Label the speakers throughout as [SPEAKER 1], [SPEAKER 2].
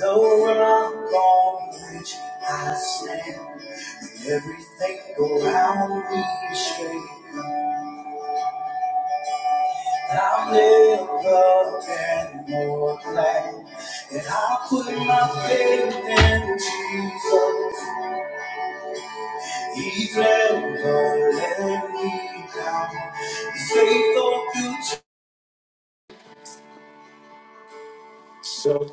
[SPEAKER 1] Though I'm gone, which I stand, and everything around me is shaking. I've never been more glad that I put my faith in Jesus. He's never let me down. He's faithful to So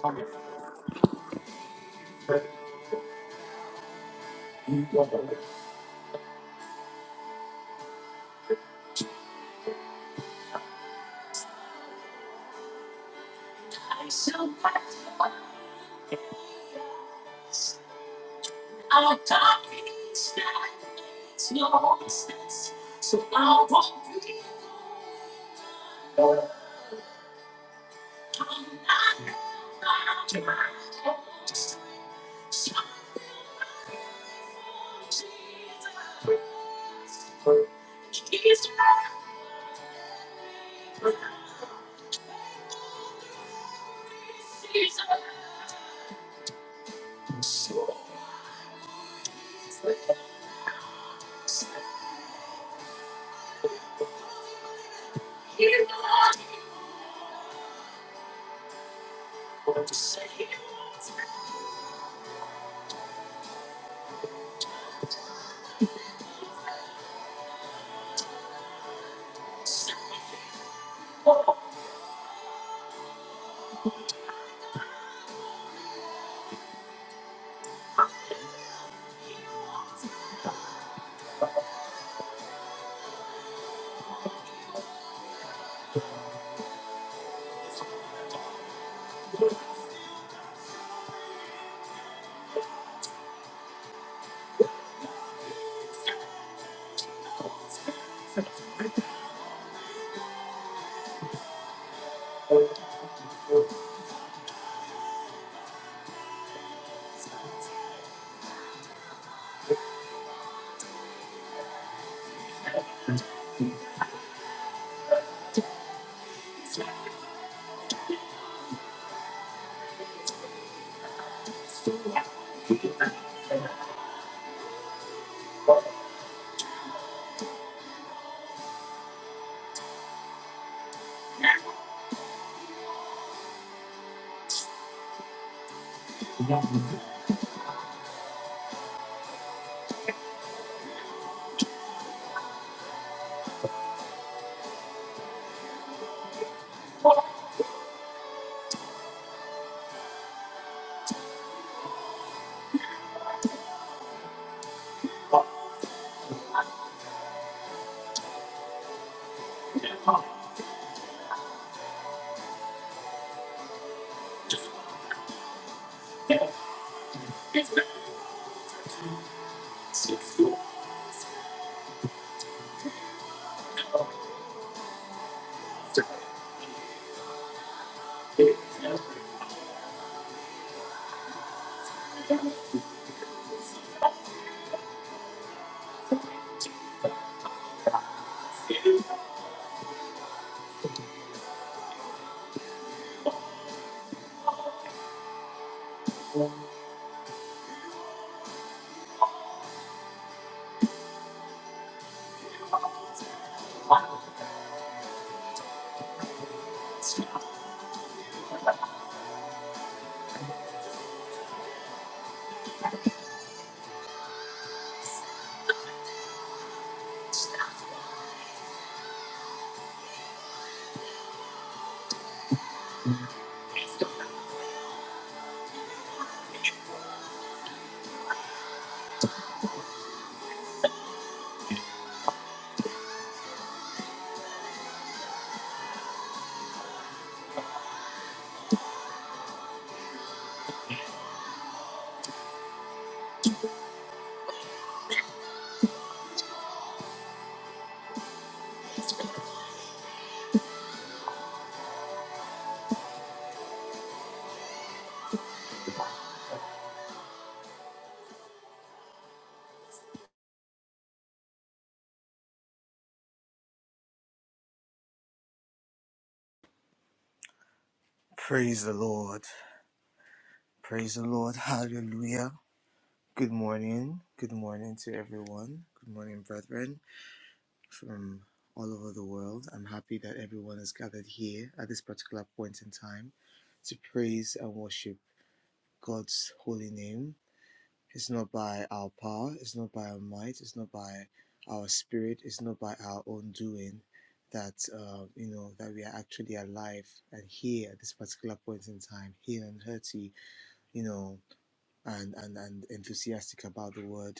[SPEAKER 2] Praise the Lord. Praise the Lord. Hallelujah. Good morning. Good morning to everyone. Good morning, brethren from all over the world. I'm happy that everyone is gathered here at this particular point in time to praise and worship God's holy name. It's not by our power, it's not by our might, it's not by our spirit, it's not by our own doing that uh, you know that we are actually alive and here at this particular point in time, here and hearty, you know and and and enthusiastic about the word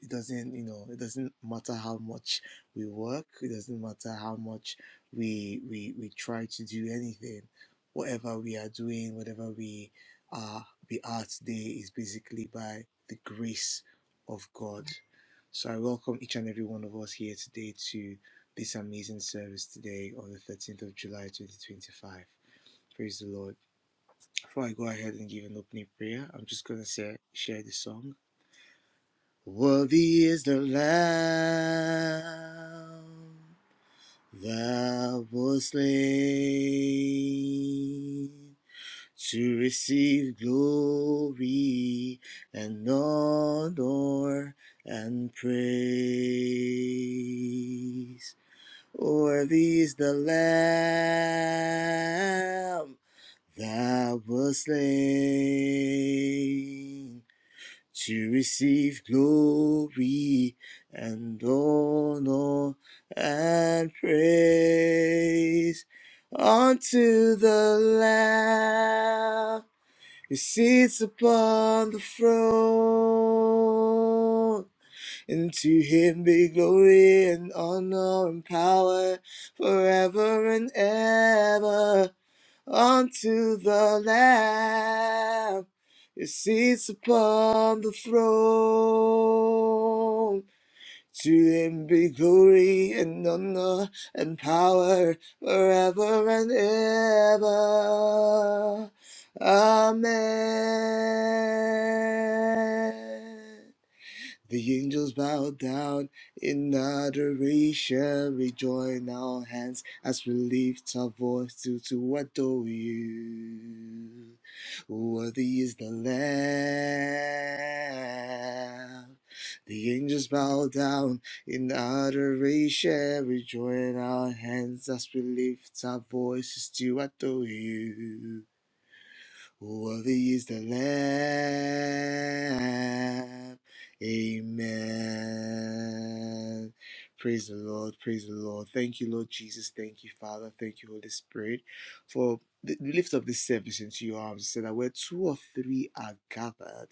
[SPEAKER 2] it doesn't you know it doesn't matter how much we work it doesn't matter how much we we we try to do anything whatever we are doing whatever we are we are today is basically by the grace of god so i welcome each and every one of us here today to this amazing service today on the 13th of july 2025 praise the lord before I go ahead and give an opening prayer, I'm just gonna say share the song. Worthy is the Lamb that was slain to receive glory and honor and praise. Worthy is the Lamb Thou wast slain to receive glory and honor and praise unto the Lamb who sits upon the throne. And to him be glory and honor and power forever and ever. Unto the Lamb who sits upon the throne. To him be glory and honor and power forever and ever. Amen. The angels bow down in adoration. We join our hands as we lift our voice to, to adore you. Worthy is the Lamb. The angels bow down in adoration. We join our hands as we lift our voices to adore you. Worthy is the Lamb. Amen. Praise the Lord. Praise the Lord. Thank you, Lord Jesus. Thank you, Father. Thank you, Holy Spirit, for th- we lift up this service into your arms. So that where two or three are gathered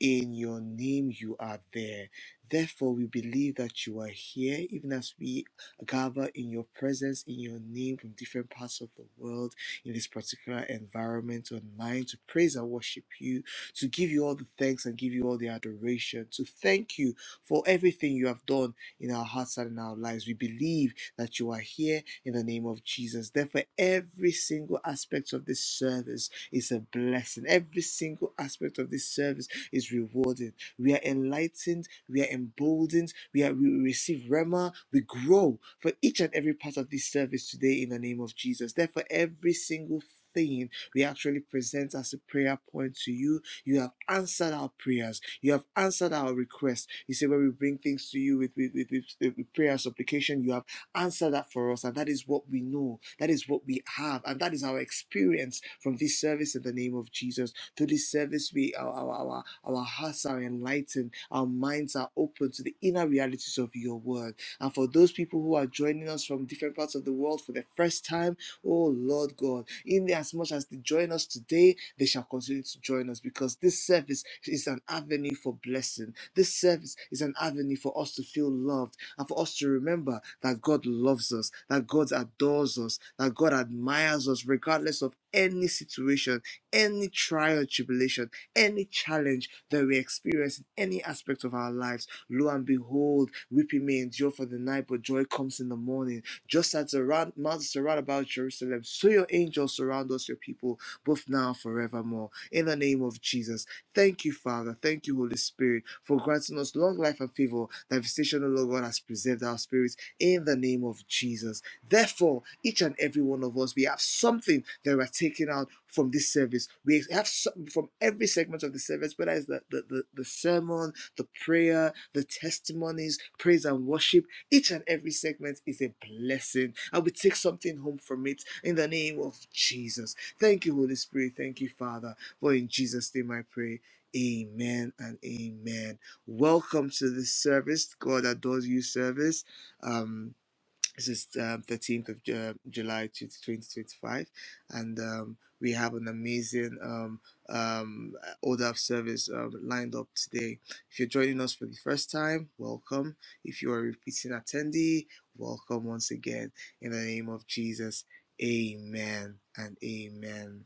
[SPEAKER 2] in your name, you are there. Therefore, we believe that you are here, even as we gather in your presence, in your name from different parts of the world in this particular environment online to praise and worship you, to give you all the thanks and give you all the adoration, to thank you for everything you have done in our hearts and in our lives. We believe that you are here in the name of Jesus. Therefore, every single aspect of this service is a blessing, every single aspect of this service is rewarded we are enlightened, we are emboldened, we are we receive Rema, we grow for each and every part of this service today in the name of Jesus. Therefore, every single thing we actually present as a prayer point to you. You have answered our prayers. You have answered our requests. You see, when we bring things to you with, with, with, with, with prayer and supplication, you have answered that for us. And that is what we know. That is what we have. And that is our experience from this service in the name of Jesus. To this service, we our our, our our hearts are enlightened, our minds are open to the inner realities of your word. And for those people who are joining us from different parts of the world for the first time, oh Lord God, in as much as they join us today, they shall continue to join us because this service is an avenue for blessing. This service is an avenue for us to feel loved and for us to remember that God loves us, that God adores us, that God admires us, regardless of any situation any trial, tribulation, any challenge that we experience in any aspect of our lives, lo and behold, weeping may endure for the night, but joy comes in the morning. Just as the round, mountains surround about Jerusalem, so your angels surround us, your people, both now and forevermore. In the name of Jesus, thank you, Father. Thank you, Holy Spirit, for granting us long life and favor. Thy visitation, O Lord God, has preserved our spirits. In the name of Jesus. Therefore, each and every one of us, we have something that we are taking out from this service. We have something from every segment of the service, whether it's the, the, the, the sermon, the prayer, the testimonies, praise and worship. Each and every segment is a blessing, and we take something home from it in the name of Jesus. Thank you, Holy Spirit. Thank you, Father. For in Jesus' name I pray. Amen and amen. Welcome to this service, God adores you service. Um, this is um, 13th of Ju- um, July 2025, and um, we have an amazing um, um, order of service um, lined up today. If you're joining us for the first time, welcome. If you're a repeating attendee, welcome once again. In the name of Jesus, amen and amen.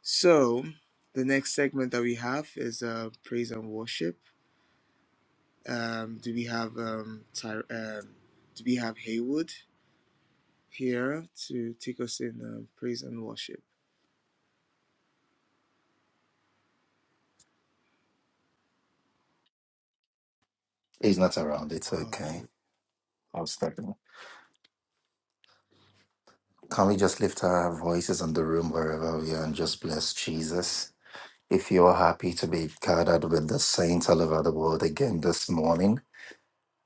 [SPEAKER 2] So, the next segment that we have is uh, praise and worship. Um, do we have um, Ty- um, do we have Haywood? here to take us in um, praise and worship.
[SPEAKER 1] He's not around. It's
[SPEAKER 2] Oh,
[SPEAKER 1] okay.
[SPEAKER 2] I-
[SPEAKER 1] I'm stuck. Can we just lift our voices in the room wherever we are and just bless Jesus? If you're happy to be gathered with the saints all over the world again this morning,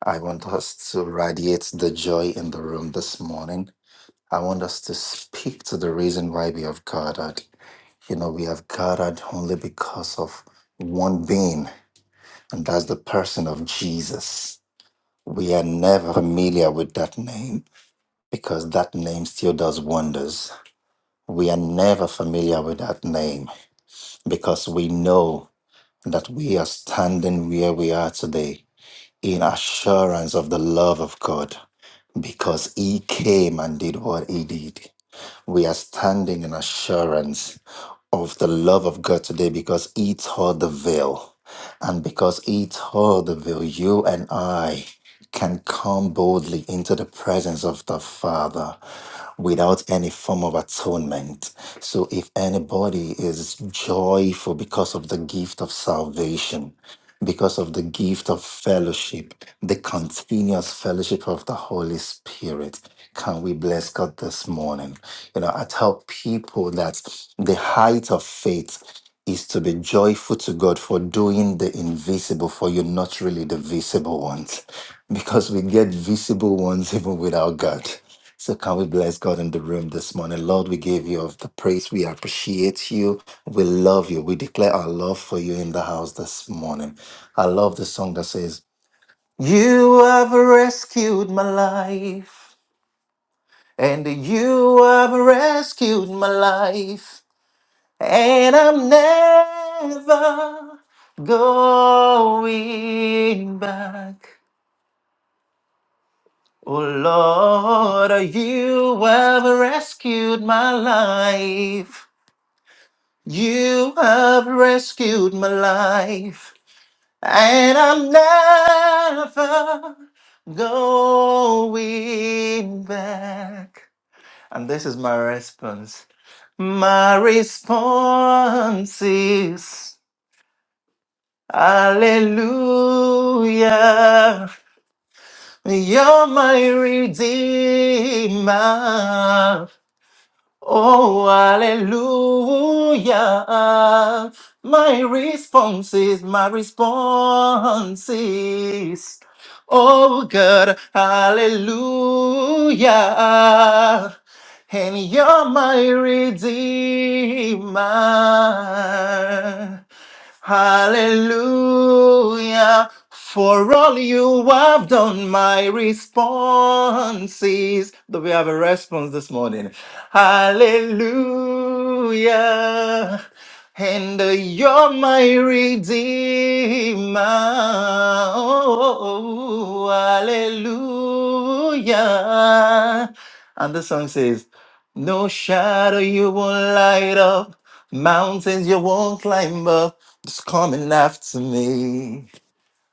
[SPEAKER 1] I want us to radiate the joy in the room this morning. I want us to speak to the reason why we have gathered. You know, we have gathered only because of one being, and that's the person of Jesus. We are never familiar with that name because that name still does wonders. We are never familiar with that name because we know that we are standing where we are today in assurance of the love of God because He came and did what He did. We are standing in assurance of the love of God today because He tore the veil. And because He tore the veil, you and I can come boldly into the presence of the Father without any form of atonement. So if anybody is joyful because of the gift of salvation, because of the gift of fellowship, the continuous fellowship of the Holy Spirit. Can we bless God this morning? You know, I tell people that the height of faith is to be joyful to God for doing the invisible, for you're not really the visible one because we get visible ones even without God. So can we bless God in the room this morning? Lord, we give you of the praise. We appreciate you. We love you. We declare our love for you in the house this morning. I love the song that says, You have rescued my life, and you have rescued my life, and I'm never going back. Oh Lord, you have rescued my life. You have rescued my life. And I'm never going back. And this is my response. My response is Hallelujah. You're my redeemer. Oh, hallelujah. My response is, my response is, oh God, hallelujah. And you're my redeemer. Hallelujah. For all you have done, my response is that we have a response this morning. Hallelujah. And uh, you're my redeemer. Oh, hallelujah. And the song says, no shadow you won't light up, mountains you won't climb up. Just coming after me.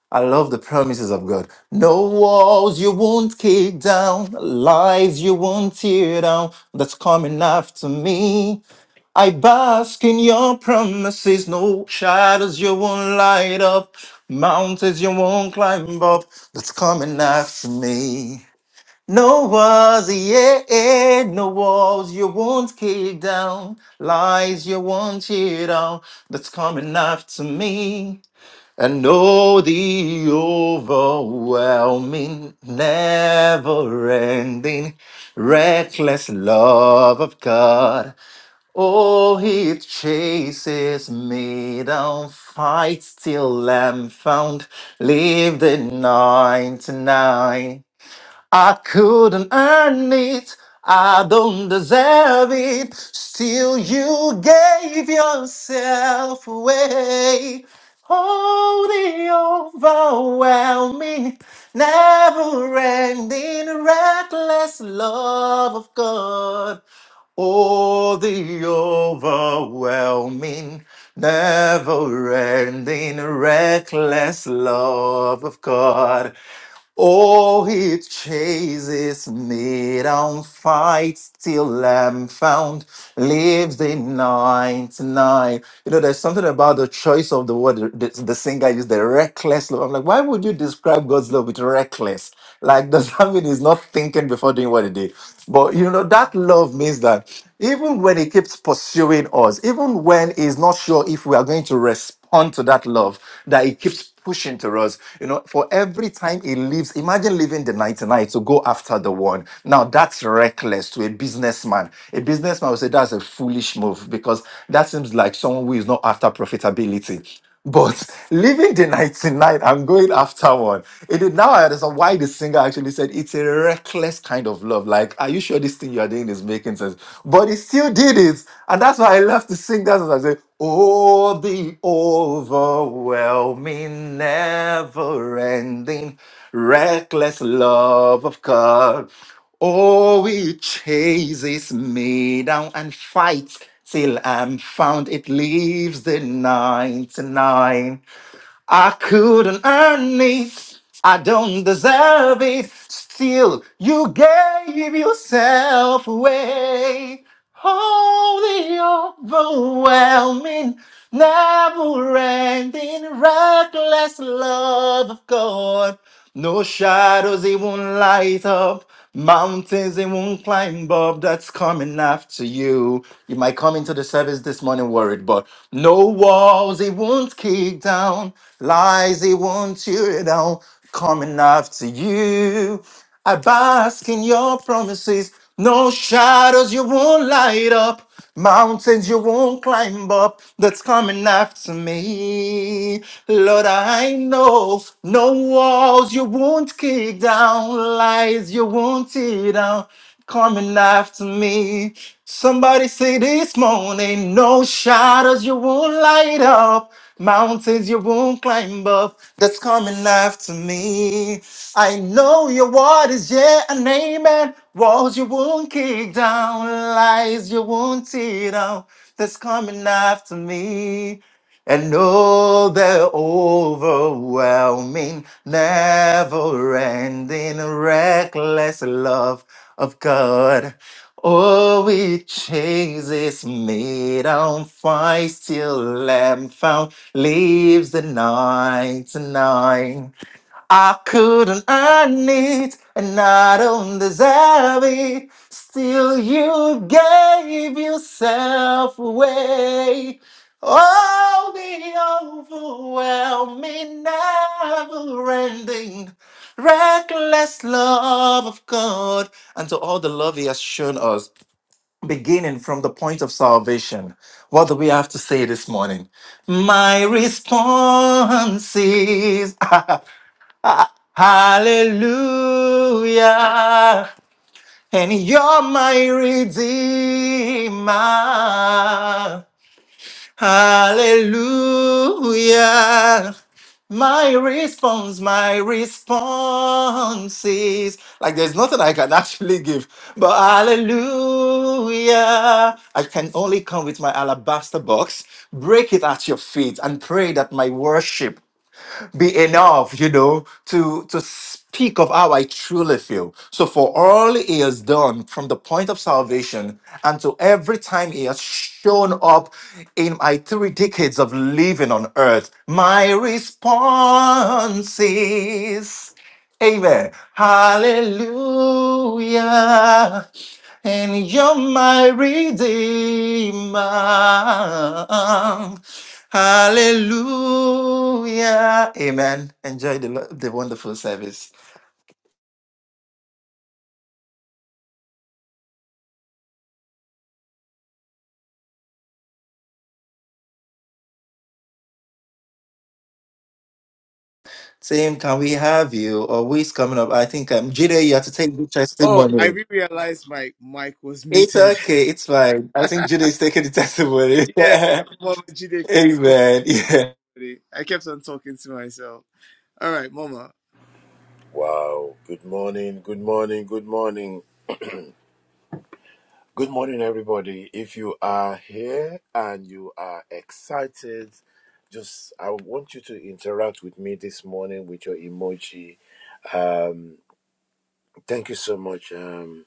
[SPEAKER 1] I love the promises of God. No walls you won't kick down, lies you won't tear down. That's coming after me. I bask in your promises. No shadows you won't light up, mountains you won't climb up. That's coming after me. No walls, yeah, no walls you won't kick down, lies you won't cheat on, that's coming after me. And oh, the overwhelming, never ending, reckless love of God. Oh, he chases me down, fights till I'm found, leave the 99. I couldn't earn it. I don't deserve it. Still, you gave yourself away. Oh, the overwhelming, never ending, reckless love of God. Oh, the overwhelming, never ending, reckless love of God. Oh, he chases me down, fights till I'm found, lives the 99. You know, there's something about the choice of the word the, the singer used, the reckless love. I'm like, why would you describe God's love with reckless? Like, does that mean he's not thinking before doing what he did? But you know, that love means that even when he keeps pursuing us, even when he's not sure if we are going to respond to that love, that he keeps pushing to us. You know, for every time he leaves, imagine leaving the 99 to go after the one. Now that's reckless to a businessman. A businessman would say that's a foolish move because that seems like someone who is not after profitability. But leaving the 99 and going after one, it is now I understand why the singer actually said it's a reckless kind of love. Like, are you sure this thing you are doing is making sense? But he still did it. And that's why I love to sing that. song. I say, Oh, the overwhelming, never ending, reckless love of God. Oh, it chases me down and fights till I'm found. It leaves the 99. I couldn't earn it. I don't deserve it. Still, you gave yourself away. Oh, the overwhelming, never ending, reckless love of God. No shadows, it won't light up. Mountains, it won't climb up. That's coming after you. You might come into the service this morning worried, but no walls, it won't kick down. Lies, it won't tear down. Coming after you. I bask in your promises. No shadows you won't light up, mountains you won't climb up that's coming after me. Lord, I know no walls you won't kick down, lies you won't tear down, coming after me. Somebody say this morning, no shadows you won't light up, mountains you won't climb up, that's coming after me. I know your word is yeah and amen. Walls you won't kick down, lies you won't tear down, that's coming after me and know the overwhelming, never ending, reckless love of God. Oh, it chases me down, finds till I'm found, leaves the night tonight. I couldn't earn it and I don't deserve it. Still, you gave yourself away. Oh, the overwhelming, never ending, reckless love of God. And to all the love He has shown us, beginning from the point of salvation, what do we have to say this morning? My response is. Hallelujah. And you're my redeemer. Hallelujah. My response, my response is like there's nothing I can actually give, but hallelujah. I can only come with my alabaster box, break it at your feet, and pray that my worship be enough, you know, to to speak of how I truly feel. So for all he has done from the point of salvation and to every time he has shown up in my three decades of living on earth, my response is Amen. Hallelujah. And you're my redeemer. Hallelujah. Amen. Enjoy the, lo- the wonderful service. Same, can we have you? Or who is coming up? I think um, Jude, you have to take the
[SPEAKER 2] oh, I
[SPEAKER 1] testimony.
[SPEAKER 2] re realized my mic was
[SPEAKER 1] It's
[SPEAKER 2] muted.
[SPEAKER 1] okay. It's fine. I think Jude is taking the testimony.
[SPEAKER 2] yeah, Mama Jide, please call
[SPEAKER 1] Amen.
[SPEAKER 2] us
[SPEAKER 1] Yeah.
[SPEAKER 2] somebody. I kept on talking to myself. All right, Mama.
[SPEAKER 3] Wow. Good morning. Good morning. Good morning. Good morning, everybody. If you are here and you are excited, just I want you to interact with me this morning with your emoji. Um, thank you so much, um,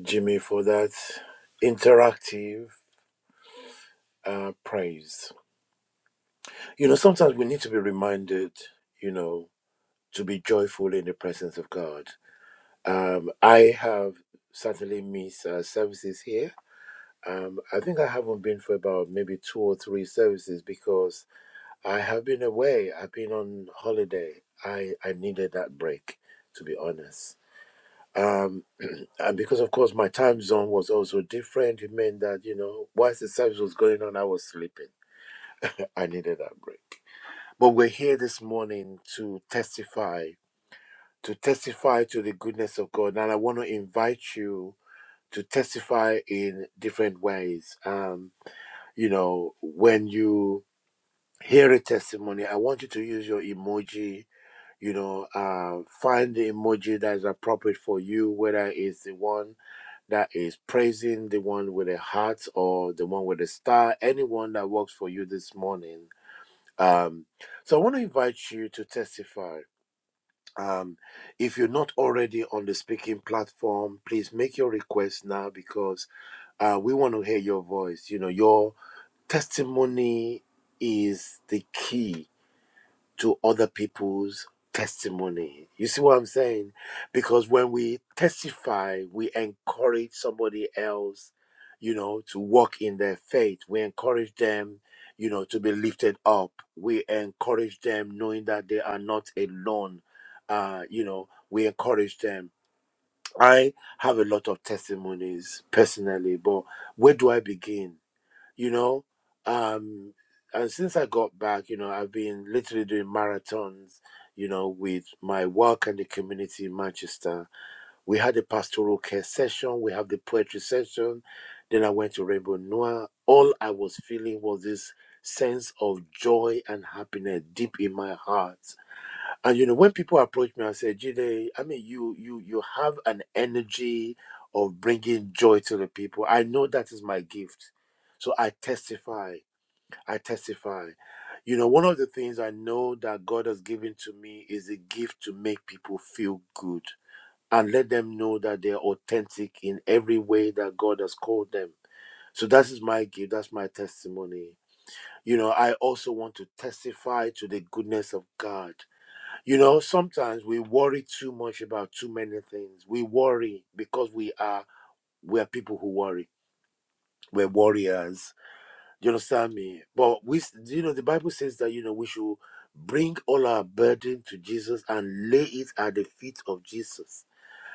[SPEAKER 3] Jimmy, for that interactive uh, praise. You know, sometimes we need to be reminded, you know, to be joyful in the presence of God. Um, I have certainly missed uh, services here Um, I think I haven't been for about maybe two or three services because I have been away. I've been on holiday. I, I needed that break, to be honest. Um, and because, of course, my time zone was also different, it meant that, you know, whilst the service was going on, I was sleeping. I needed that break. But we're here this morning to testify, to testify to the goodness of God. And I want to invite you to testify in different ways. Um, you know when you hear a testimony i want you to use your emoji you know uh find the emoji that is appropriate for you whether it's the one that is praising the one with a heart or the one with a star anyone that works for you this morning um so i want to invite you to testify um if you're not already on the speaking platform please make your request now because uh we want to hear your voice you know your testimony is the key to other people's testimony. You see what I'm saying? Because when we testify, we encourage somebody else, you know, to walk in their faith. We encourage them, you know, to be lifted up. We encourage them knowing that they are not alone. Uh, you know, we encourage them. I have a lot of testimonies personally, but where do I begin? you know um and since i got back you know i've been literally doing marathons you know with my work and the community in manchester we had a pastoral care session we have the poetry session then i went to rainbow noir all i was feeling was this sense of joy and happiness deep in my heart and you know, when people approach me and say, "Jide, I mean, you you you have an energy of bringing joy to the people. I know that is my gift, so I testify. I testify. You know, one of the things I know that God has given to me is a gift to make people feel good and let them know that they're authentic in every way that God has called them. So that is my gift. That's my testimony. You know, I also want to testify to the goodness of God you know, sometimes we worry too much about too many things. We worry because we are we are people who worry. We're warriors. You understand me? But we, you know, the Bible says that you know we should bring all our burden to Jesus and lay it at the feet of Jesus.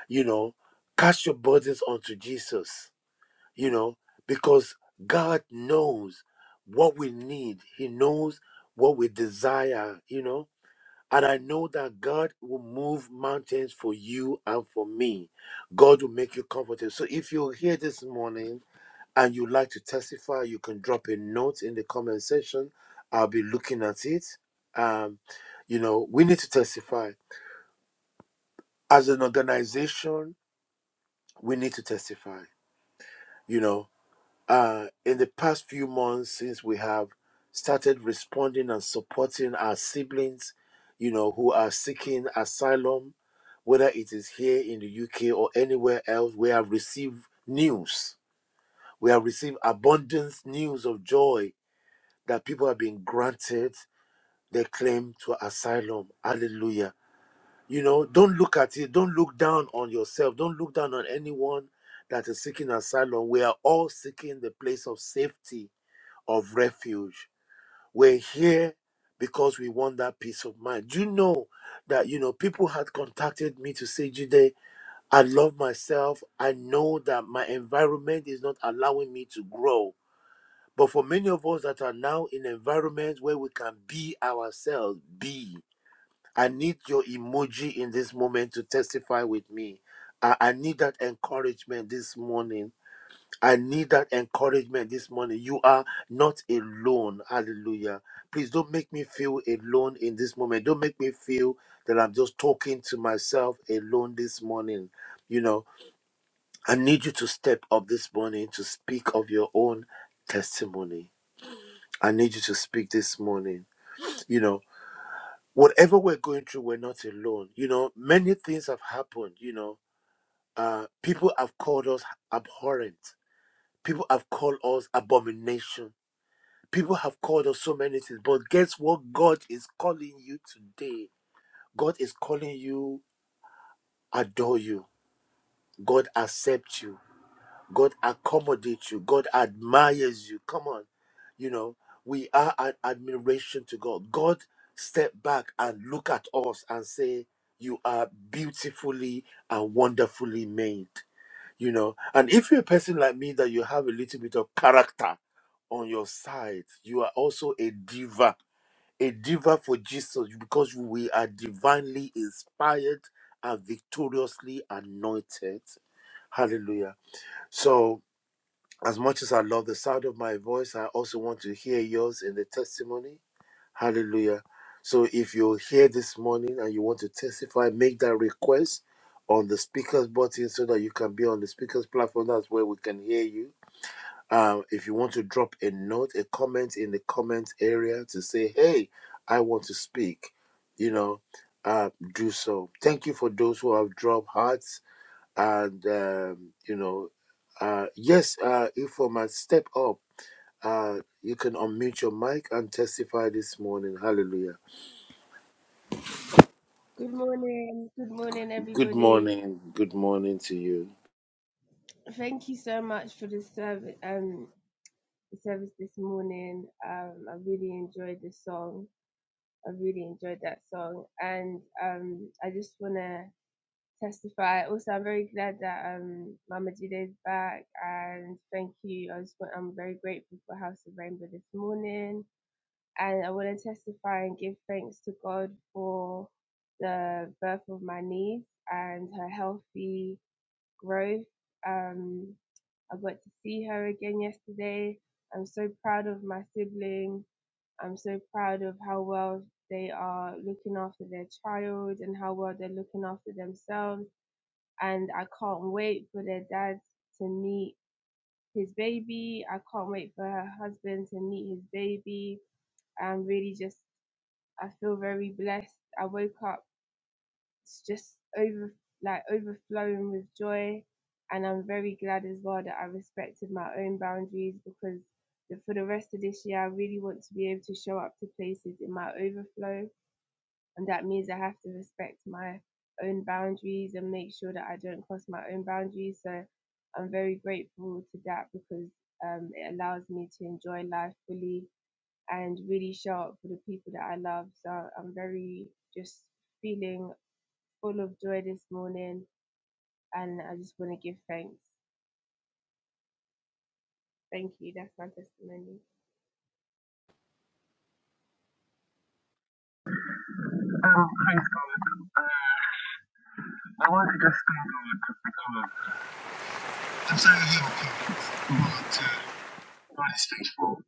[SPEAKER 3] You know, cast your burdens onto Jesus. You know, because God knows what we need. He knows what we desire. You know, and I know that God will move mountains for you and for me. God will make you comfortable. So if you're here this morning and you'd like to testify, you can drop a note in the comment section. I'll be looking at it. Um, you know, we need to testify. As an organization, we need to testify. You know, uh, in the past few months since we have started responding and supporting our siblings, you know, who are seeking asylum, whether it is here in the UK or anywhere else, we have received news. We have received abundant news of joy that people have been granted their claim to asylum. Hallelujah. You know, don't look at it. Don't look down on yourself. Don't look down on anyone that is seeking asylum. We are all seeking the place of safety of refuge. We're here because we want that peace of mind. Do you know that you know people had contacted me to say, Jude, I love myself. I know that my environment is not allowing me to grow. But for many of us that are now in environments where we can be ourselves, be. I need your emoji in this moment to testify with me. I, I need that encouragement this morning I need that encouragement this morning. You are not alone. Hallelujah. Please don't make me feel alone in this moment. Don't make me feel that I'm just talking to myself alone this morning. You know, I need you to step up this morning to speak of your own testimony. I need you to speak this morning. You know, whatever we're going through, we're not alone. You know, many things have happened. You know, uh, people have called us abhorrent, people have called us abomination People have called us so many things, but guess what? God is calling you today. God is calling you, adore you. God accept you. God accommodate you. God admires you. Come on. You know, we are an admiration to God. God step back and look at us and say, You are beautifully and wonderfully made. You know, and if you're a person like me that you have a little bit of character on your side, you are also a diva a diva for Jesus because we are divinely inspired and victoriously anointed. Hallelujah. So, as much as I love the sound of my voice, I also want to hear yours in the testimony. Hallelujah. So, if you're here this morning and you want to testify, make that request on the speaker's button so that you can be on the speaker's platform. That's where we can hear you um, if you want to drop a note, a comment in the comment area to say, hey, I want to speak, you know, uh, do so. Thank you for those who have dropped hearts. And, um, you know, uh, yes, uh, Informa, step up. Uh, you can unmute your mic and testify this morning. Hallelujah.
[SPEAKER 4] Good morning. Good morning,
[SPEAKER 3] Good
[SPEAKER 4] everybody.
[SPEAKER 3] morning. Good morning to you.
[SPEAKER 4] Thank you so much for the service. Um, the service this morning. Um, I really enjoyed the song. I really enjoyed that song, and um, I just wanna testify. Also, I'm very glad that um, Mama Jide is back, and thank you. I just want, I'm very grateful for House of Rainbow this morning, and I want to testify and give thanks to God for the birth of my niece and her healthy growth. Um, I got to see her again yesterday. I'm so proud of my sibling. I'm so proud of how well they are looking after their child and how well they're looking after themselves. And I can't wait for their dad to meet his baby. I can't wait for her husband to meet his baby. I'm really just, I feel very blessed. I woke up it's just over like overflowing with joy and i'm very glad as well that i respected my own boundaries because the- for the rest of this year i really want to be able to show up to places in my overflow and that means i have to respect my own boundaries and make sure that i don't cross my own boundaries so i'm very grateful to that because um, it allows me to enjoy life fully and really show up for the people that i love so i'm very just feeling full of joy this morning, and I just want to give thanks. Thank you. That's my testimony.
[SPEAKER 5] Um, praise God. Uh, I want to just thank God because I'm sorry I have a cold, but uh, God is faithful.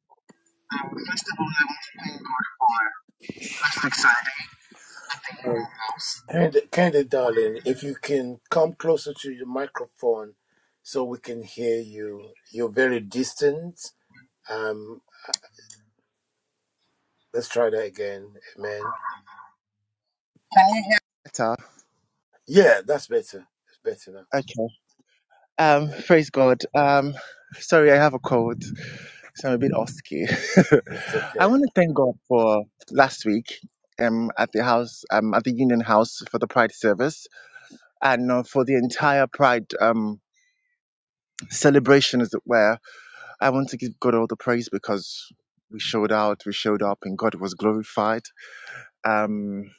[SPEAKER 5] Um, first of all, I want to thank God for last week Sunday at the Union
[SPEAKER 3] Candid, Candid, darling, if you can come closer to your microphone so we can hear you. You're very distant. Um, let's try that again. Amen.
[SPEAKER 5] House. Better.
[SPEAKER 3] Yeah, that's better. It's better now.
[SPEAKER 5] Okay. Um,
[SPEAKER 3] Yeah,
[SPEAKER 5] praise God. Um, sorry I have a cold, so I'm a bit osky.
[SPEAKER 3] it's
[SPEAKER 5] I
[SPEAKER 3] okay.
[SPEAKER 5] want to thank God for last week. Um, at the house, um, at the Union House for the Pride service, and uh, for the entire Pride um, celebration, as it were. I want to give God all the praise because we showed out, we showed up, and God was glorified. Um,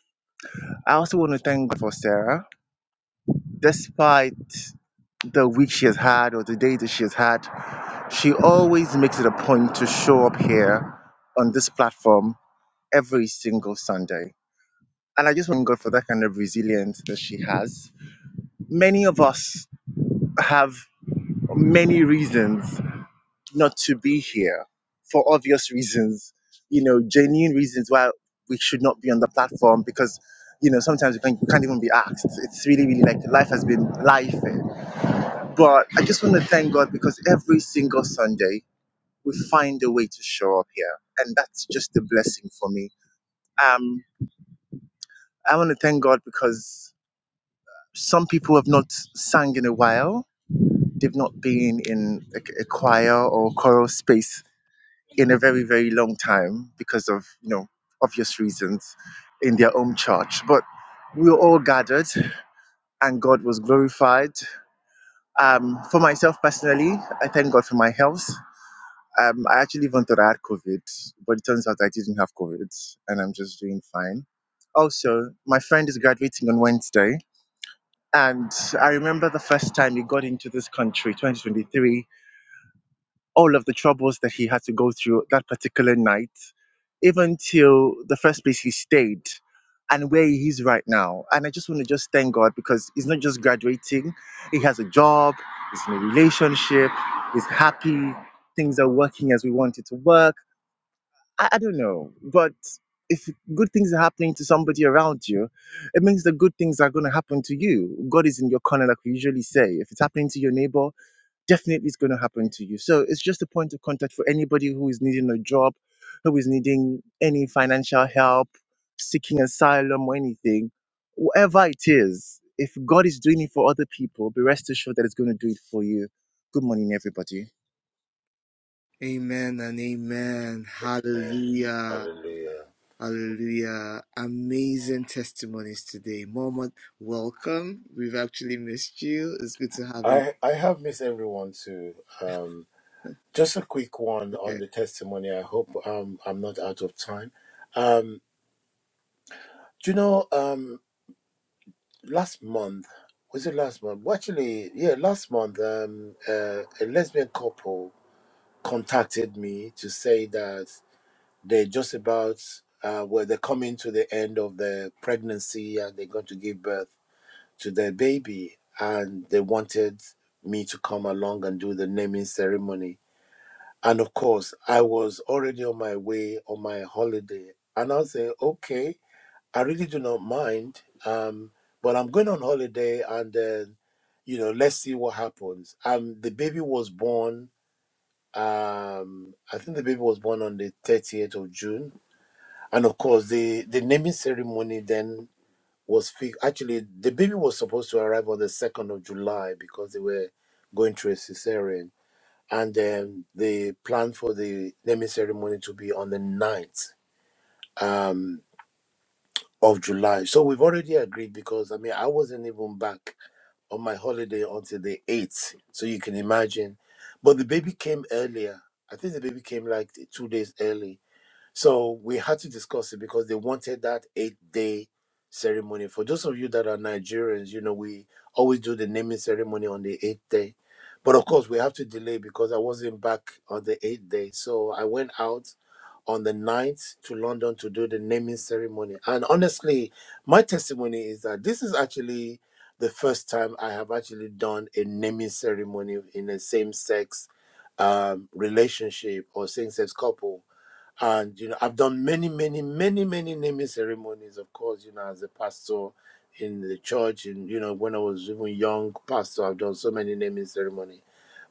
[SPEAKER 5] I also want to thank God for Sarah. Despite the week she has had or the day that she has had, she always makes it a point to show up here on this platform every single Sunday. And I just want God for that kind of resilience that she has. Many of us have many reasons not to be here for obvious reasons, you know, genuine reasons why we should not be on the platform because, you know, sometimes we can't, we can't even be asked. It's really, really like life has been life. But I just want to thank God because every single Sunday we find a way to show up here. And that's just a blessing for me. Um, I want to thank God because some people have not sang in a while. They've not been in a, a choir or choral space in a very, very long time because of, you know, obvious reasons in their own church. But we were all gathered and God was glorified. Um, for myself personally, I thank God for my health. Um, I actually even thought I had COVID, but it turns out I didn't have COVID and I'm just doing fine. Also, my friend is graduating on Wednesday. And I remember the first time he got into this country, 2023. all of the troubles that he had to go through that particular night, even till the first place he stayed and where he is right now. And I just want to just thank God because he's not just graduating, he has a job, he's in a relationship, he's happy, things are working as we want it to work. I, I don't know, but if good things are happening to somebody around you, it means the good things are going to happen to you. God is in your corner, like we usually say. If it's happening to your neighbor, definitely it's going to happen to you. So it's just a point of contact for anybody who is needing a job, who is needing any financial help, seeking asylum or anything. Whatever it is, if God is doing it for other people, be rest assured that it's going to do it for you. Good morning, everybody.
[SPEAKER 2] Amen and amen.
[SPEAKER 3] Amen.
[SPEAKER 2] Hallelujah.
[SPEAKER 3] Hallelujah.
[SPEAKER 2] Hallelujah. Amazing testimonies today. Mama, welcome. We've actually missed you. It's good to have you.
[SPEAKER 3] I I have missed everyone too. Um, just a quick one on
[SPEAKER 2] Okay.
[SPEAKER 3] the testimony. I hope um I'm not out of time. Um, do you know um last month was it last month well, actually yeah last month um uh, a lesbian couple contacted me to say that they're just about uh well they're coming to the end of their pregnancy and they're going to give birth to their baby and they wanted me to come along and do the naming ceremony and of course i was already on my way on my holiday and i was saying okay I really do not mind. Um, but I'm going on holiday and then, you know, let's see what happens. Um, the baby was born, um, I think the baby was born on the 30th of June. And of course, the, the naming ceremony then was fi- actually, the baby was supposed to arrive on the 2nd of July because they were going through a cesarean. And then they planned for the naming ceremony to be on the 9th. of July. So we've already agreed because I mean I wasn't even back on my holiday until the 8th. So you can imagine. But the baby came earlier. I think the baby came like two days early. So we had to discuss it because they wanted that eight day ceremony. For those of you that are Nigerians, you know, we always do the naming ceremony on the eighth day. But of course, we have to delay because I wasn't back on the eighth day. So I went out on the ninth to London to do the naming ceremony. And honestly, my testimony is that this is actually the first time I have actually done a naming ceremony in a same sex um, relationship or same sex couple. And, you know, I've done many, many, many, many naming ceremonies, of course, you know, as a pastor in the church. And, you know, when I was even young pastor, I've done so many naming ceremonies.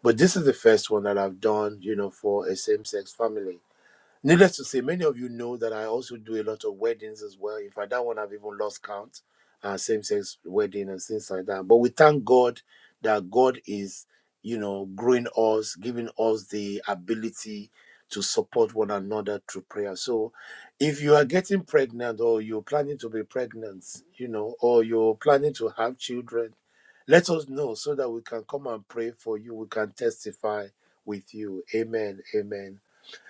[SPEAKER 3] But this is the first one that I've done, you know, for a same sex family Needless to say, many of you know that I also do a lot of weddings as well. In fact, that one I've even lost count, uh, same sex wedding and things like that. But we thank God that God is, you know, growing us, giving us the ability to support one another through prayer. So if you are getting pregnant or you're planning to be pregnant, you know, or you're planning to have children, let us know so that we can come and pray for you. We can testify with you. Amen. Amen.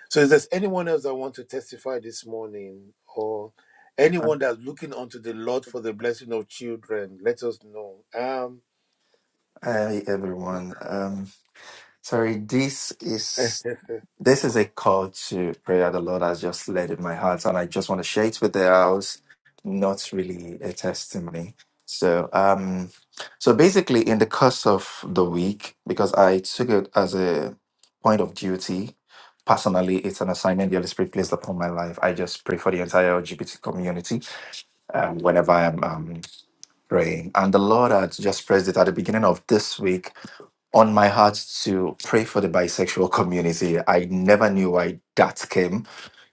[SPEAKER 3] So, is there anyone else that want to testify this morning, or anyone that's looking unto the Lord for the blessing of children? Let us know. Um,
[SPEAKER 1] Hi, everyone. Um, sorry, this is. This is a call to prayer the Lord has just led in my heart, and I just want to share it with the house. Not really a testimony. So, um, so basically, in the course of the week, because I took it as a point of duty, personally, it's an assignment the Holy Spirit placed upon my life. I just pray for the entire LGBT community um, whenever I'm um, praying, and the Lord had just pressed it at the beginning of this week on my heart to pray for the bisexual community. I never knew why that came,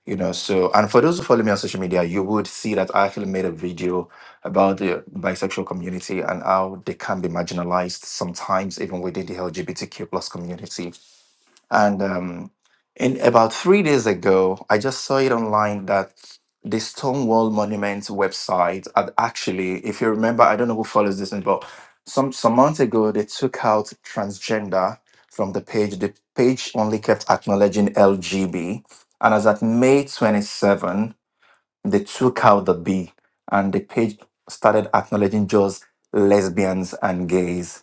[SPEAKER 1] you know. So, and for those who follow me on social media, you would see that I actually made a video about the bisexual community and how they can be marginalized sometimes, even within the LGBTQ plus community. And um, in about three days ago, I just saw it online that the Stonewall Monument website had actually, if you remember, I don't know who follows this, but some some months ago they took out transgender from the page. The page only kept acknowledging LGB, and as at May twenty seven, they took out the B, and the page started acknowledging just lesbians and gays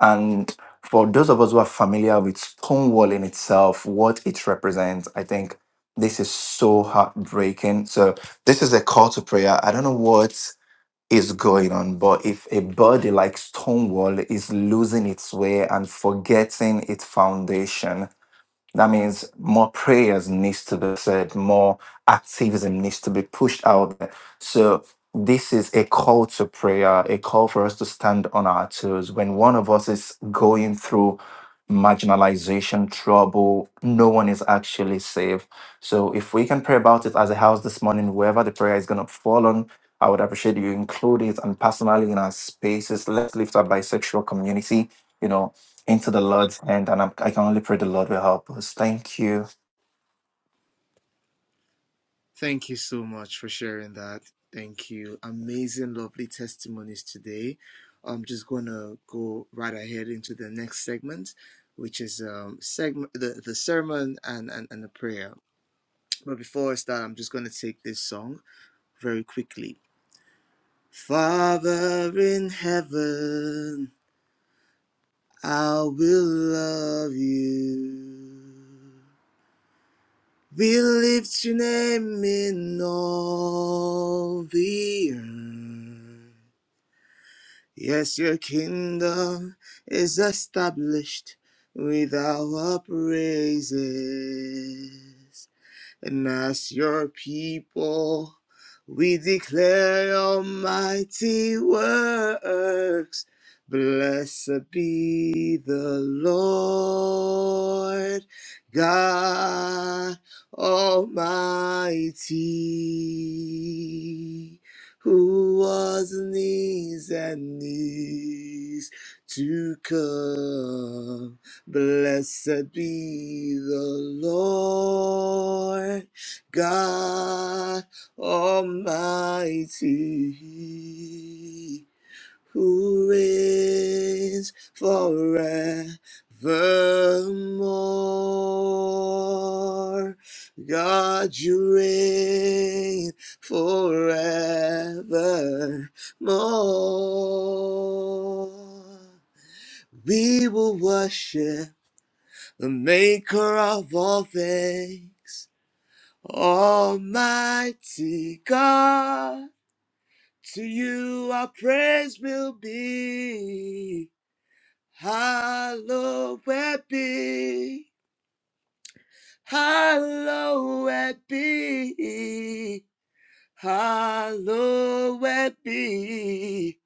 [SPEAKER 1] and for those of us who are familiar with Stonewall in itself, what it represents, I think this is so heartbreaking. So, this is a call to prayer. I don't know what is going on, but if a body like Stonewall is losing its way and forgetting its foundation, that means more prayers needs to be said, more activism needs to be pushed out there. So this is a call to prayer, a call for us to stand on our toes. When one of us is going through marginalization, trouble, no one is actually safe. So if we can pray about it as a house this morning, whoever the prayer is gonna fall on, I would appreciate you include it and personally in our spaces. Let's lift our bisexual community. You know, into the Lord's hand, and I'm, I can only pray the Lord will help us. Thank you.
[SPEAKER 2] Thank you so much for sharing that. Thank you. Amazing, lovely testimonies today. I'm just going to go right ahead into the next segment, which is um, segment the, the sermon and, and, and the prayer. But before I start, I'm just going to take this song very quickly. Father in heaven, I will love you. We lift your name in all the earth. Yes, your kingdom is established with our praises and as your people, we declare your mighty works. Blessed be the Lord God Almighty, who was and is and is to come. Blessed be the Lord God Almighty, who is forevermore. God, you reign forevermore. We will worship the maker of all things, Almighty God, to you our praise will be. Hallowed be, hallowed be, hallowed be.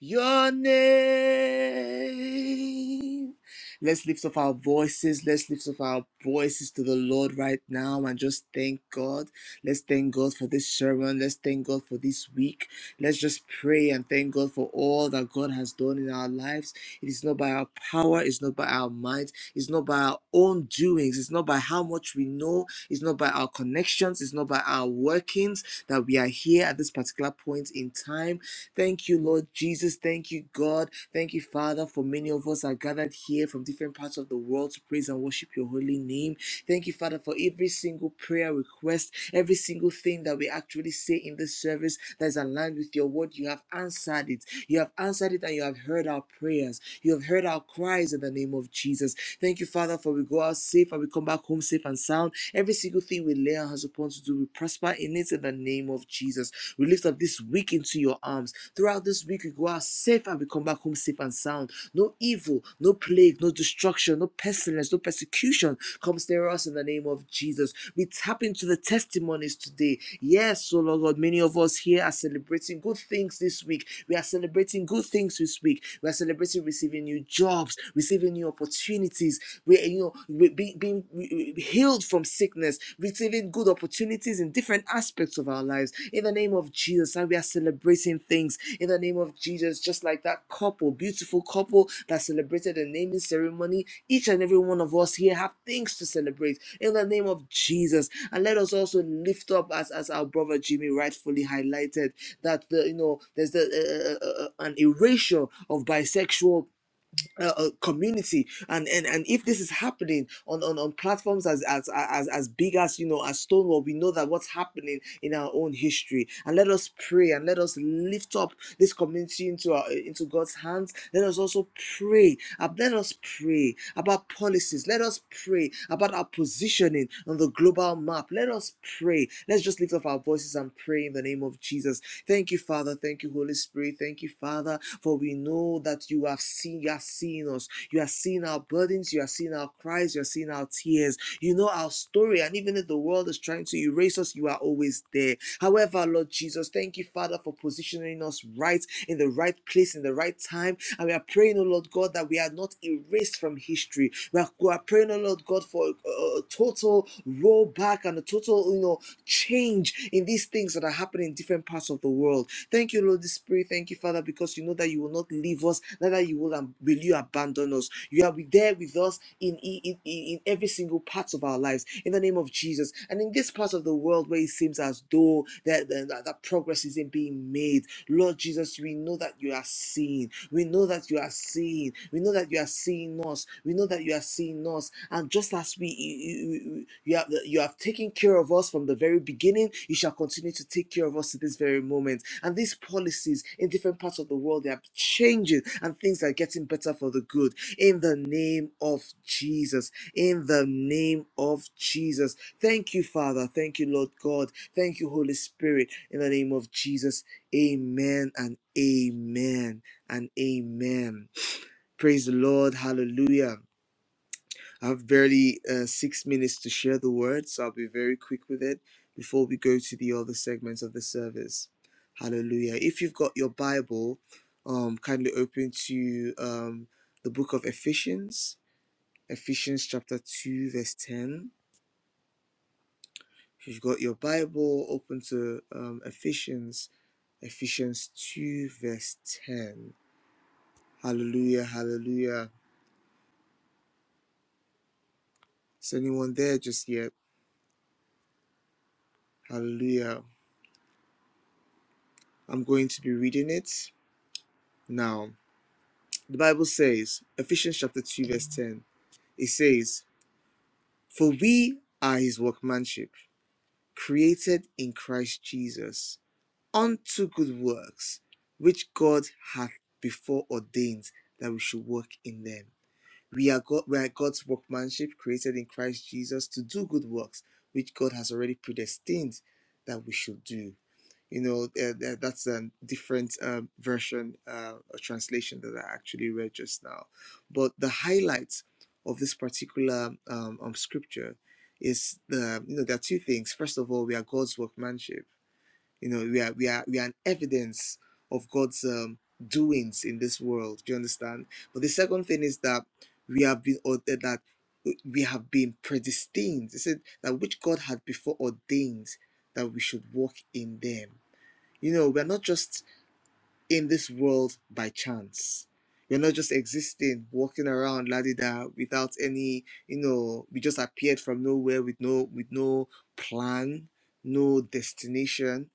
[SPEAKER 2] your name. Let's lift up our voices. Let's lift up our voices to the Lord right now and just thank God. Let's thank God for this sermon. Let's thank God for this week. Let's just pray and thank God for all that God has done in our lives. It is not by our power, it's not by our minds. it's not by our own doings, it's not by how much we know, it's not by our connections, it's not by our workings that we are here at this particular point in time Thank you, Lord Jesus. Thank you, God. Thank you, Father, for many of us are gathered here from different parts of the world to praise and worship your holy name. Thank you, Father, for every single prayer request, every single thing that we actually say in this service that is aligned with your word. You have answered it. You have answered it and you have heard our prayers. You have heard our cries in the name of Jesus. Thank you, Father, for we go out safe and we come back home safe and sound. Every single thing we lay our hands upon to do, we prosper in it in the name of Jesus. We lift up this week into your arms. Throughout this week, we go out safe and we come back home safe and sound. No evil, no plague, no destruction, no pestilence, no persecution comes near us in the name of Jesus. We tap into the testimonies today. Yes, so Lord God, many of us here are celebrating celebrating good things this week. We are celebrating good things this week. We are celebrating receiving new jobs, receiving new opportunities. We, you know, we- being, being healed from sickness, receiving good opportunities in different aspects of our lives. In the name of Jesus, and we are celebrating things. In the name of Jesus, just like that couple, beautiful couple that celebrated the naming ceremony, each and every one of us here have things to celebrate. In the name of Jesus, and let us also lift up as as our brother Jimmy rightfully highlighted that the, you know there's the, uh, uh, uh, uh, an erasure of bisexual uh, uh, community and, and and if this is happening on on, on platforms as, as as as big as you know as stonewall we know that what's happening in our own history and let us pray and let us lift up this community into our into god's hands let us also pray uh, let us pray about our policies. Let us pray about our positioning on the global map. Let us pray. Let's just lift up our voices and pray in the name of Jesus. Thank you, Father. Thank you, Holy Spirit. Thank you, Father, for we know that you have seen, you are seeing us. You are seeing our burdens. You are seeing our cries. You are seeing our tears. You know our story. And even if the world is trying to erase us, you are always there. However, Lord Jesus, thank you, Father, for positioning us right in the right place, in the right time, and we are praying, oh Lord God, that we are not erased from history. We are, we are praying, oh Lord God, for a, a total rollback and a total, you know, change in these things that are happening in different parts of the world. Thank you, Lord Spirit. Thank you, Father, because you know that you will not leave us, neither you will, um, will you abandon us. You are there with us in, in, in, in every single part of our lives in the name of Jesus. And in this part of the world where it seems as though that, that, that progress isn't being made, Lord Jesus, we know that you are seeing. We know that you are seeing. We know that you are seeing us. We know that you are seeing us. And just as we you, you, you have you have taken care of us from the very beginning, you shall continue to take care of us to this very moment. And these policies in different parts of the world they are changing, and things are getting better for the good. In the name of Jesus. In the name of Jesus. Thank you, Father. Thank you, Lord God. Thank you, Holy Spirit. In the name of Jesus. Amen and amen and amen. Praise the Lord. Hallelujah. I have barely uh, six minutes to share the word, so I'll be very quick with it before we go to the other segments of the service. Hallelujah. If you've got your Bible, um, kindly open to um, the book of Ephesians, Ephesians chapter 2, verse 10. If you've got your Bible, open to um, Ephesians, Ephesians 2, verse 10. Hallelujah. Hallelujah. Is anyone there just yet? Hallelujah. I'm going to be reading it now. The Bible says, Ephesians chapter 2, verse 10, it says, For we are his workmanship, created in Christ Jesus, unto good works, which God hath before ordained that we should work in them. We are, God, we are God's workmanship, created in Christ Jesus, to do good works, which God has already predestined that we should do. you know uh, th- that's a different um, version uh, or translation that i actually read just now but the highlights of this particular um, um, scripture is the you know there are two things first of all we are god's workmanship you know we are we are we are an evidence of god's um, doings in this world do you understand but the second thing is that we have been or eh, that we have been predestined it said that which god had before ordained that we should walk in them you know, we're not just in this world by chance. We're not just existing, walking around ladida without any, you know, we just appeared from nowhere with no with no plan, no destination.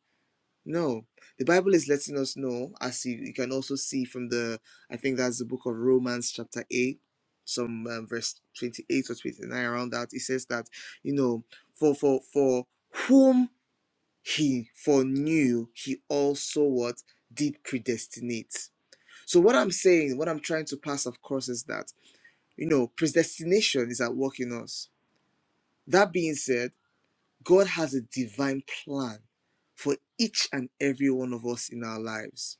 [SPEAKER 2] No. The Bible is letting us know, as you, you can also see from the I think that's the book of Romans chapter 8, some um, verse 28 or 29 around that. It says that, you know, for for for whom he foreknew, he also what did predestinate. So what I'm saying, what I'm trying to pass, of course, is that you know predestination is at work in us. That being said, God has a divine plan for each and every one of us in our lives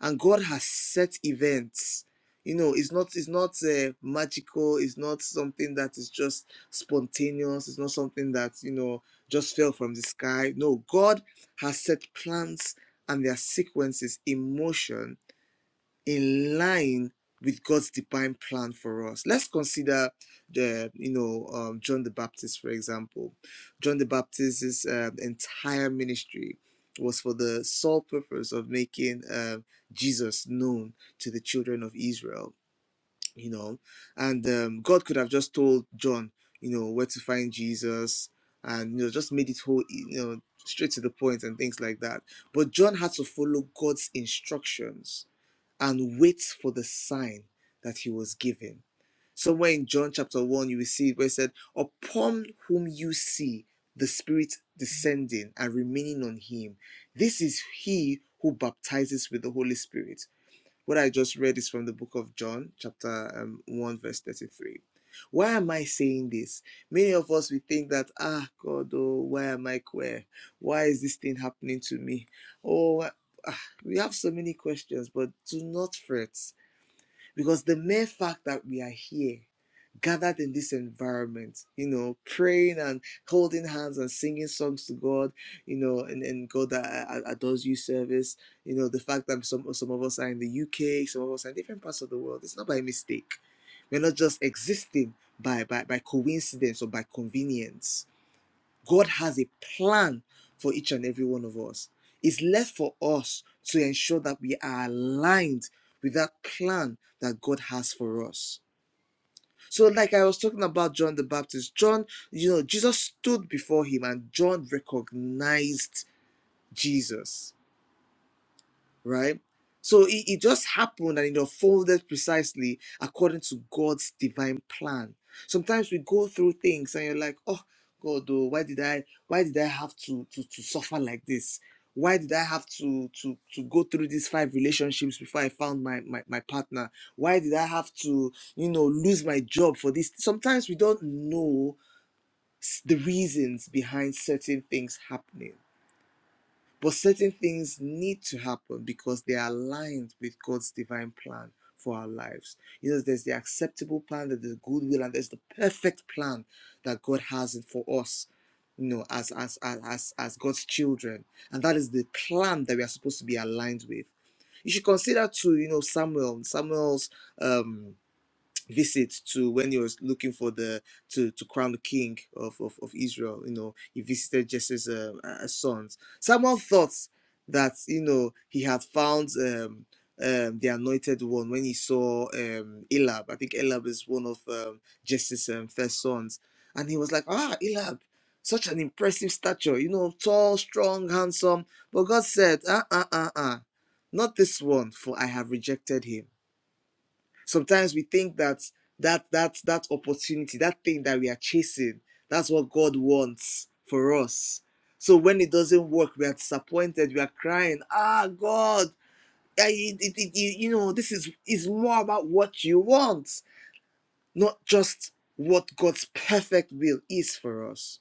[SPEAKER 2] and god has set events you know it's not it's not uh, magical it's not something that is just spontaneous it's not something that you know just fell from the sky no god has set plans and their sequences in motion in line with God's divine plan for us. Let's consider the, you know, um, John the Baptist, for example. John the Baptist's um entire ministry was for the sole purpose of making um Jesus known to the children of Israel, you know. And um, God could have just told John, you know, where to find Jesus and, you know, just made it whole, you know, straight to the point and things like that. But John had to follow God's instructions and waits for the sign that he was given. Somewhere in John chapter 1, you will see it where it said, Upon whom you see the Spirit descending and remaining on him, this is he who baptizes with the Holy Spirit. What I just read is from the book of John, chapter um, 1, verse 33. Why am I saying this? Many of us, we think that, ah, God, oh, why am I queer? Why is this thing happening to me? Oh, ah, we have so many questions, but do not fret. Because the mere fact that we are here, gathered in this environment, you know, praying and holding hands and singing songs to God, you know, and, and God that a- adores you service, you know, the fact that some, some of us are in the UK, some of us are in different parts of the world, it's not by mistake. We're not just existing by, by, by coincidence or by convenience God has a plan for each and every one of us. It's left for us to ensure that we are aligned with that plan that God has for us. So, like I was talking about John the Baptist, John, you know, Jesus stood before him and John recognized Jesus right? So it, it just happened and it unfolded precisely according to God's divine plan. Sometimes we go through things and you're like, oh God, oh, why did I why did I have to to, to suffer like this? Why did I have to, to to go through these five relationships before I found my, my my partner? Why did I have to, you know, lose my job for this? Sometimes we don't know s- the reasons behind certain things happening but certain things need to happen because they are aligned with God's divine plan for our lives. You know, there's the acceptable plan, there's the good will, and there's the perfect plan that God has for us, you know, as as as as, as God's children. And that is the plan that we are supposed to be aligned with. You should consider too, you know, Samuel, Samuel's um visit to when he was looking for the to to crown the king of of, of Israel. You know, he visited Jesse's uh, uh, sons. Someone thought that you know he had found um, um, the anointed one when he saw um, Elab. I think Elab is one of um, Jesse's um, first sons, and he was like, ah, Elab. Such an impressive stature, you know, tall, strong, handsome. But God said, uh, uh, uh, uh, not this one, for I have rejected him sometimes we think that that that that opportunity that thing that we are chasing that's what god wants for us so when it doesn't work we are disappointed we are crying ah god I, it, it, it- you, you know this is is more about what you want not just what god's perfect will is for us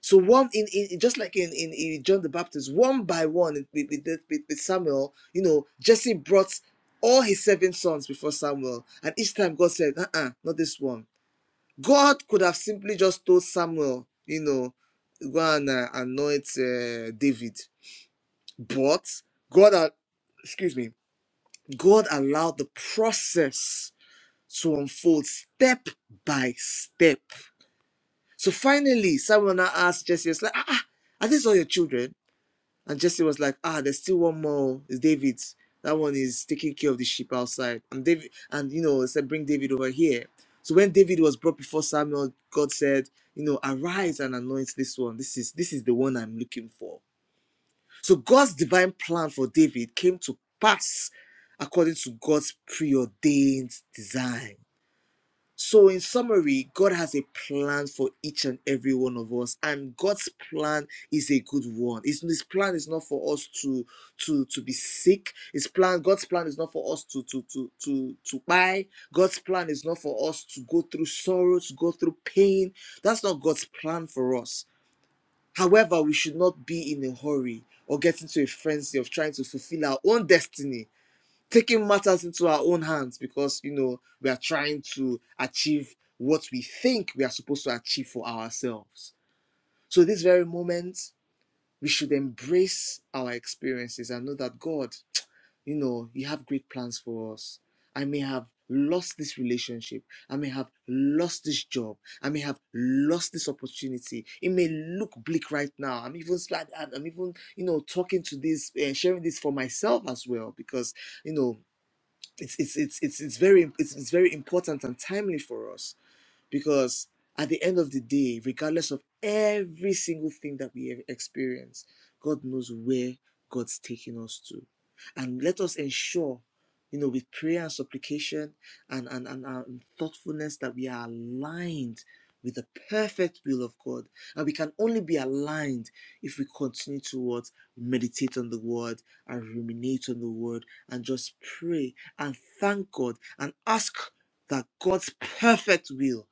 [SPEAKER 2] so one in, in just like in, in, in John the Baptist, one by one with, with, with, with Samuel, you know, Jesse brought all his seven sons before Samuel, and each time God said, "Uh-uh, not this one." God could have simply just told Samuel, you know, go and uh, anoint uh, David, but God, uh, excuse me, God allowed the process to unfold step by step. So finally, Samuel now asked Jesse, it's like, "Ah, ah, are these all your children?" And Jesse was like, ah, there's still one more. It's David. That one is taking care of the sheep outside. And David, and you know, said, bring David over here. So when David was brought before Samuel, God said, you know, arise and anoint this one. This is this is the one I'm looking for. So God's divine plan for David came to pass according to God's preordained design. So, in summary, God has a plan for each and every one of us, and God's plan is a good one. His, his plan is not for us to to to be sick. His plan, God's plan, is not for us to to to to to buy. God's plan is not for us to go through sorrow, to go through pain. That's not God's plan for us. However, we should not be in a hurry or get into a frenzy of trying to fulfill our own destiny taking matters into our own hands because you know we are trying to achieve what we think we are supposed to achieve for ourselves so this very moment we should embrace our experiences and know that god you know you have great plans for us i may have lost this relationship i may have lost this job i may have lost this opportunity it may look bleak right now i'm even i'm even you know talking to this uh, sharing this for myself as well because you know it's it's it's it's, it's very it's, it's very important and timely for us because at the end of the day, regardless of every single thing that we have experienced, God knows where God's taking us to. And let us ensure, you know, with prayer and supplication and, and, and, and thoughtfulness that we are aligned with the perfect will of God. And we can only be aligned if we continue to what? Meditate on the word and ruminate on the word and just pray and thank God and ask that God's perfect will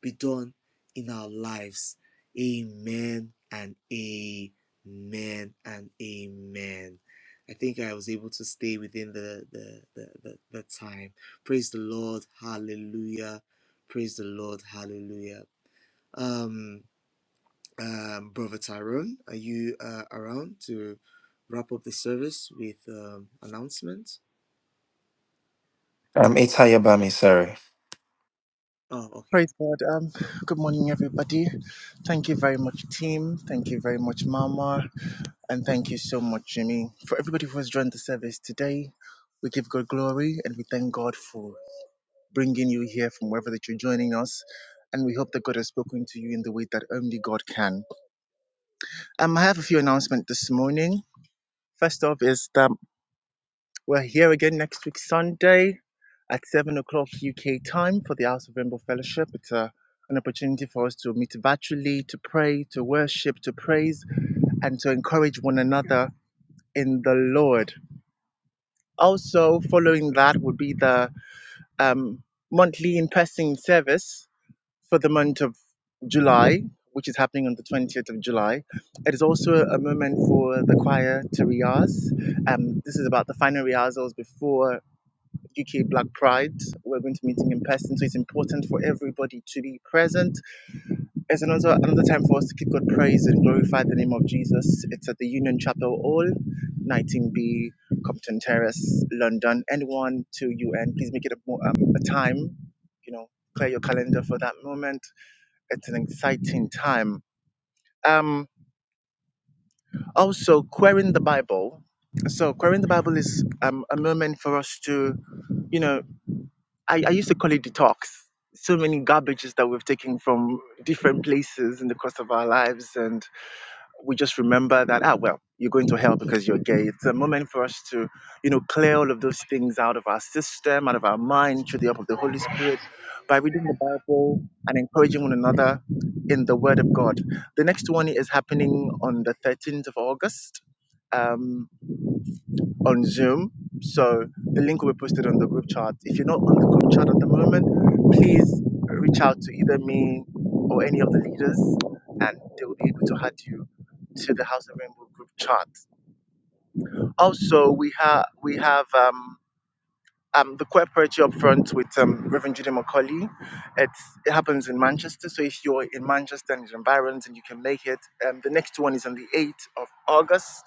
[SPEAKER 2] be done in our lives. Amen and amen and amen. I think I was able to stay within the the, the, the, the time. Praise the Lord. Hallelujah. Praise the Lord. Hallelujah. Um, um, Brother Tyrone, are you uh, around to wrap up the service with um, announcements?
[SPEAKER 1] Um, it's Hayabami, sorry.
[SPEAKER 2] Oh, okay.
[SPEAKER 5] Praise God. Um, good morning, everybody. Thank you very much, team. Thank you very much, Mama. And thank you so much, Jimmy, for everybody who has joined the service today. We give God glory and we thank God for bringing you here from wherever that you're joining us. And we hope that God has spoken to you in the way that only God can. Um, I have a few announcements this morning. First off is that we're here again next week Sunday at seven o'clock UK time for the House of Rainbow Fellowship. It's a an opportunity for us to meet virtually, to pray, to worship, to praise, and to encourage one another in the Lord. Also, following that would be the um, monthly in person service for the month of July, which is happening on the 20th of July. It is also a moment for the choir to rehearse. Um, this is about the final rehearsals before UK Black Pride. We're going to be meeting in person, so it's important for everybody to be present. It's another, another time for us to give God praise and glorify the name of Jesus. It's at the Union Chapel Hall, 19B, Compton Terrace, London. Anyone to UN, please make it a, um, a time, you know, clear your calendar for that moment it's an exciting time. Um, also, querying the Bible. So, querying the Bible is um, a moment for us to, you know, I, I used to call it detox. So many garbages that we've taken from different places in the course of our lives, and. we just remember that ah well you're going to hell because you're gay it's a moment for us to you know clear all of those things out of our system out of our mind through the help of the holy spirit by reading the bible and encouraging one another in the word of god the next one is happening on the 13th of august Um, on Zoom. So the link will be posted on the group chat. If you're not on the group chat at the moment, please reach out to either me or any of the leaders, and they will be able to add you to the House of Rainbow group chat. Also, we have we have um, um, the Queer Poetry up front with um, Reverend Judy McCauley. It's, it happens in Manchester, so if you're in Manchester and its environs and you can make it, um, the next one is on the 8th of August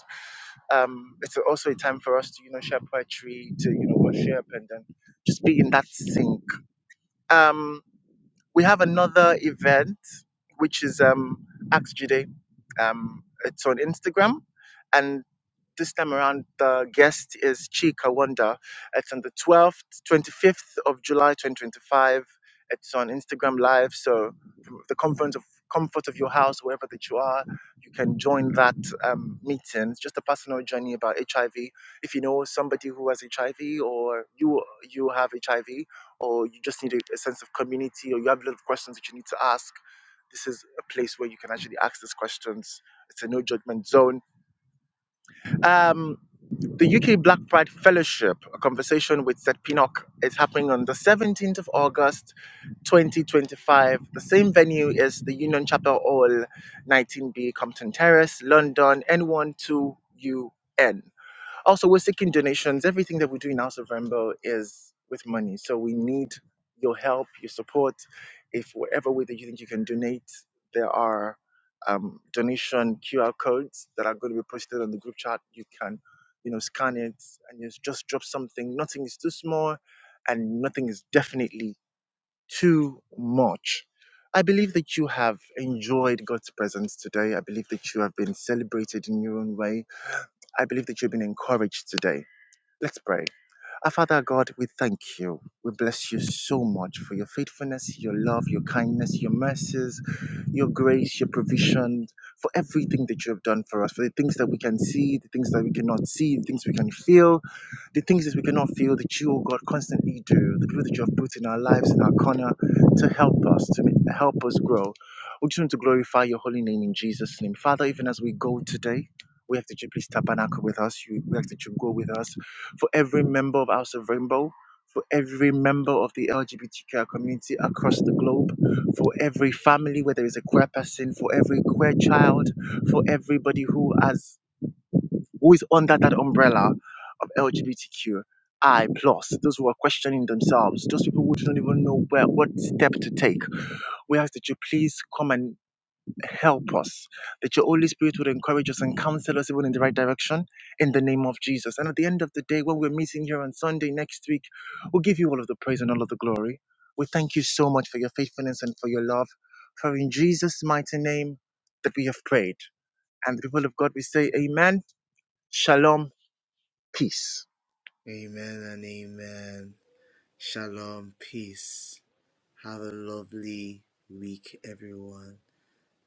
[SPEAKER 5] um, it's also a time for us to you know share poetry, to you know worship, and then just be in that sync. Um, we have another event, which is um, Axe Jude. Um, it's on Instagram. And this time around, the guest is Chika Wonder. It's on the 12th, 25th of July, 2025. It's on Instagram Live. So, from the comfort of, comfort of your house, wherever that you are, you can join that um, meeting. It's just a personal journey about HIV. If you know somebody who has HIV or you you have HIV, or you just need a, a sense of community or you have a lot of questions that you need to ask, this is a place where you can actually ask these questions. It's a no judgment zone. Um, the UK Black Pride Fellowship, a conversation with Seth Pinnock, is happening on the 17th of August 2025. The same venue is the Union Chapel Hall, 19B Compton Terrace, London, N12UN. Also, we're seeking donations. Everything that we do in now, of Rainbow is with money. So we need your help, your support. If whatever way that you think you can donate, there are um, donation QR codes that are going to be posted on the group chat. You can, you know, scan it and you just drop something. Nothing is too small, and nothing is definitely too much. I believe that you have enjoyed God's presence today. I believe that you have been celebrated in your own way. I believe that you've been encouraged today. Let's pray. Our Father God, we thank you. We bless you so much for your faithfulness, your love, your kindness, your mercies, your grace, your provision, for everything that you have done for us, for the things that we can see, the things that we cannot see, the things we can feel, the things that we cannot feel that you, oh God, constantly do, the people that you have put in our lives, in our corner, to help us, to ma- help us grow. We just want to glorify your holy name in Jesus' name. Father, even as we go today, we ask that you please tabernacle with us. You, we ask that you go with us for every member of House of Rainbow, for every member of the LGBTQI community across the globe, for every family where there is a queer person, for every queer child, for everybody who has who is under that umbrella of LGBTQI plus, those who are questioning themselves, those people who don't even know where what step to take. We ask that you please come and help us, that your Holy Spirit would encourage us and counsel us even in the right direction in the name of Jesus. And at the end of the day, when we're meeting here on Sunday next week, we'll give you all of the praise and all of the glory. We thank you so much for your faithfulness and for your love. For in Jesus' mighty name that we have prayed. And the people of God, we say, Amen. Shalom peace
[SPEAKER 2] Amen and amen. Shalom. Peace. Have a lovely week everyone,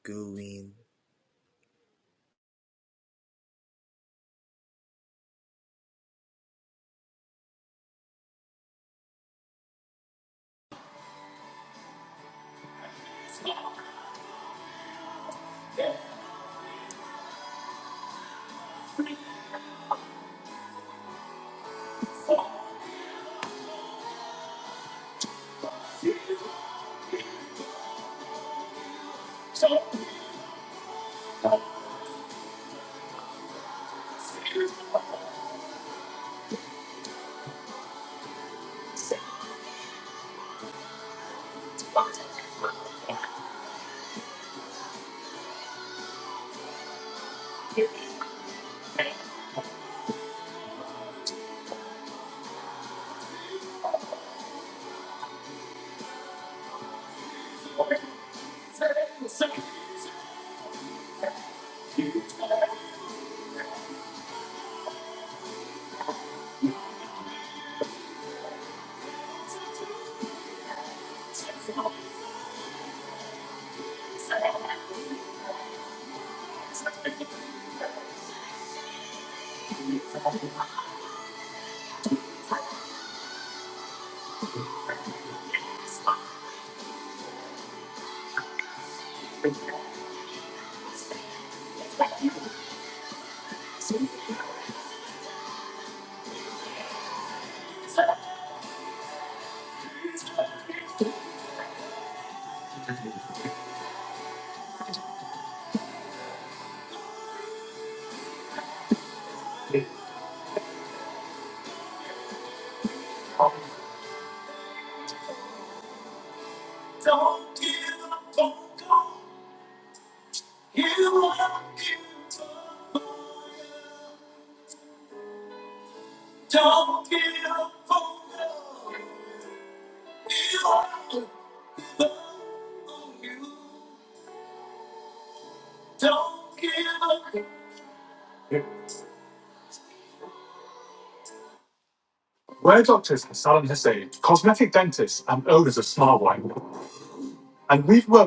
[SPEAKER 2] go win.
[SPEAKER 1] We're we've doctors, in salon essay, cosmetic dentists, and and owners of Smile Wine. And we've worked.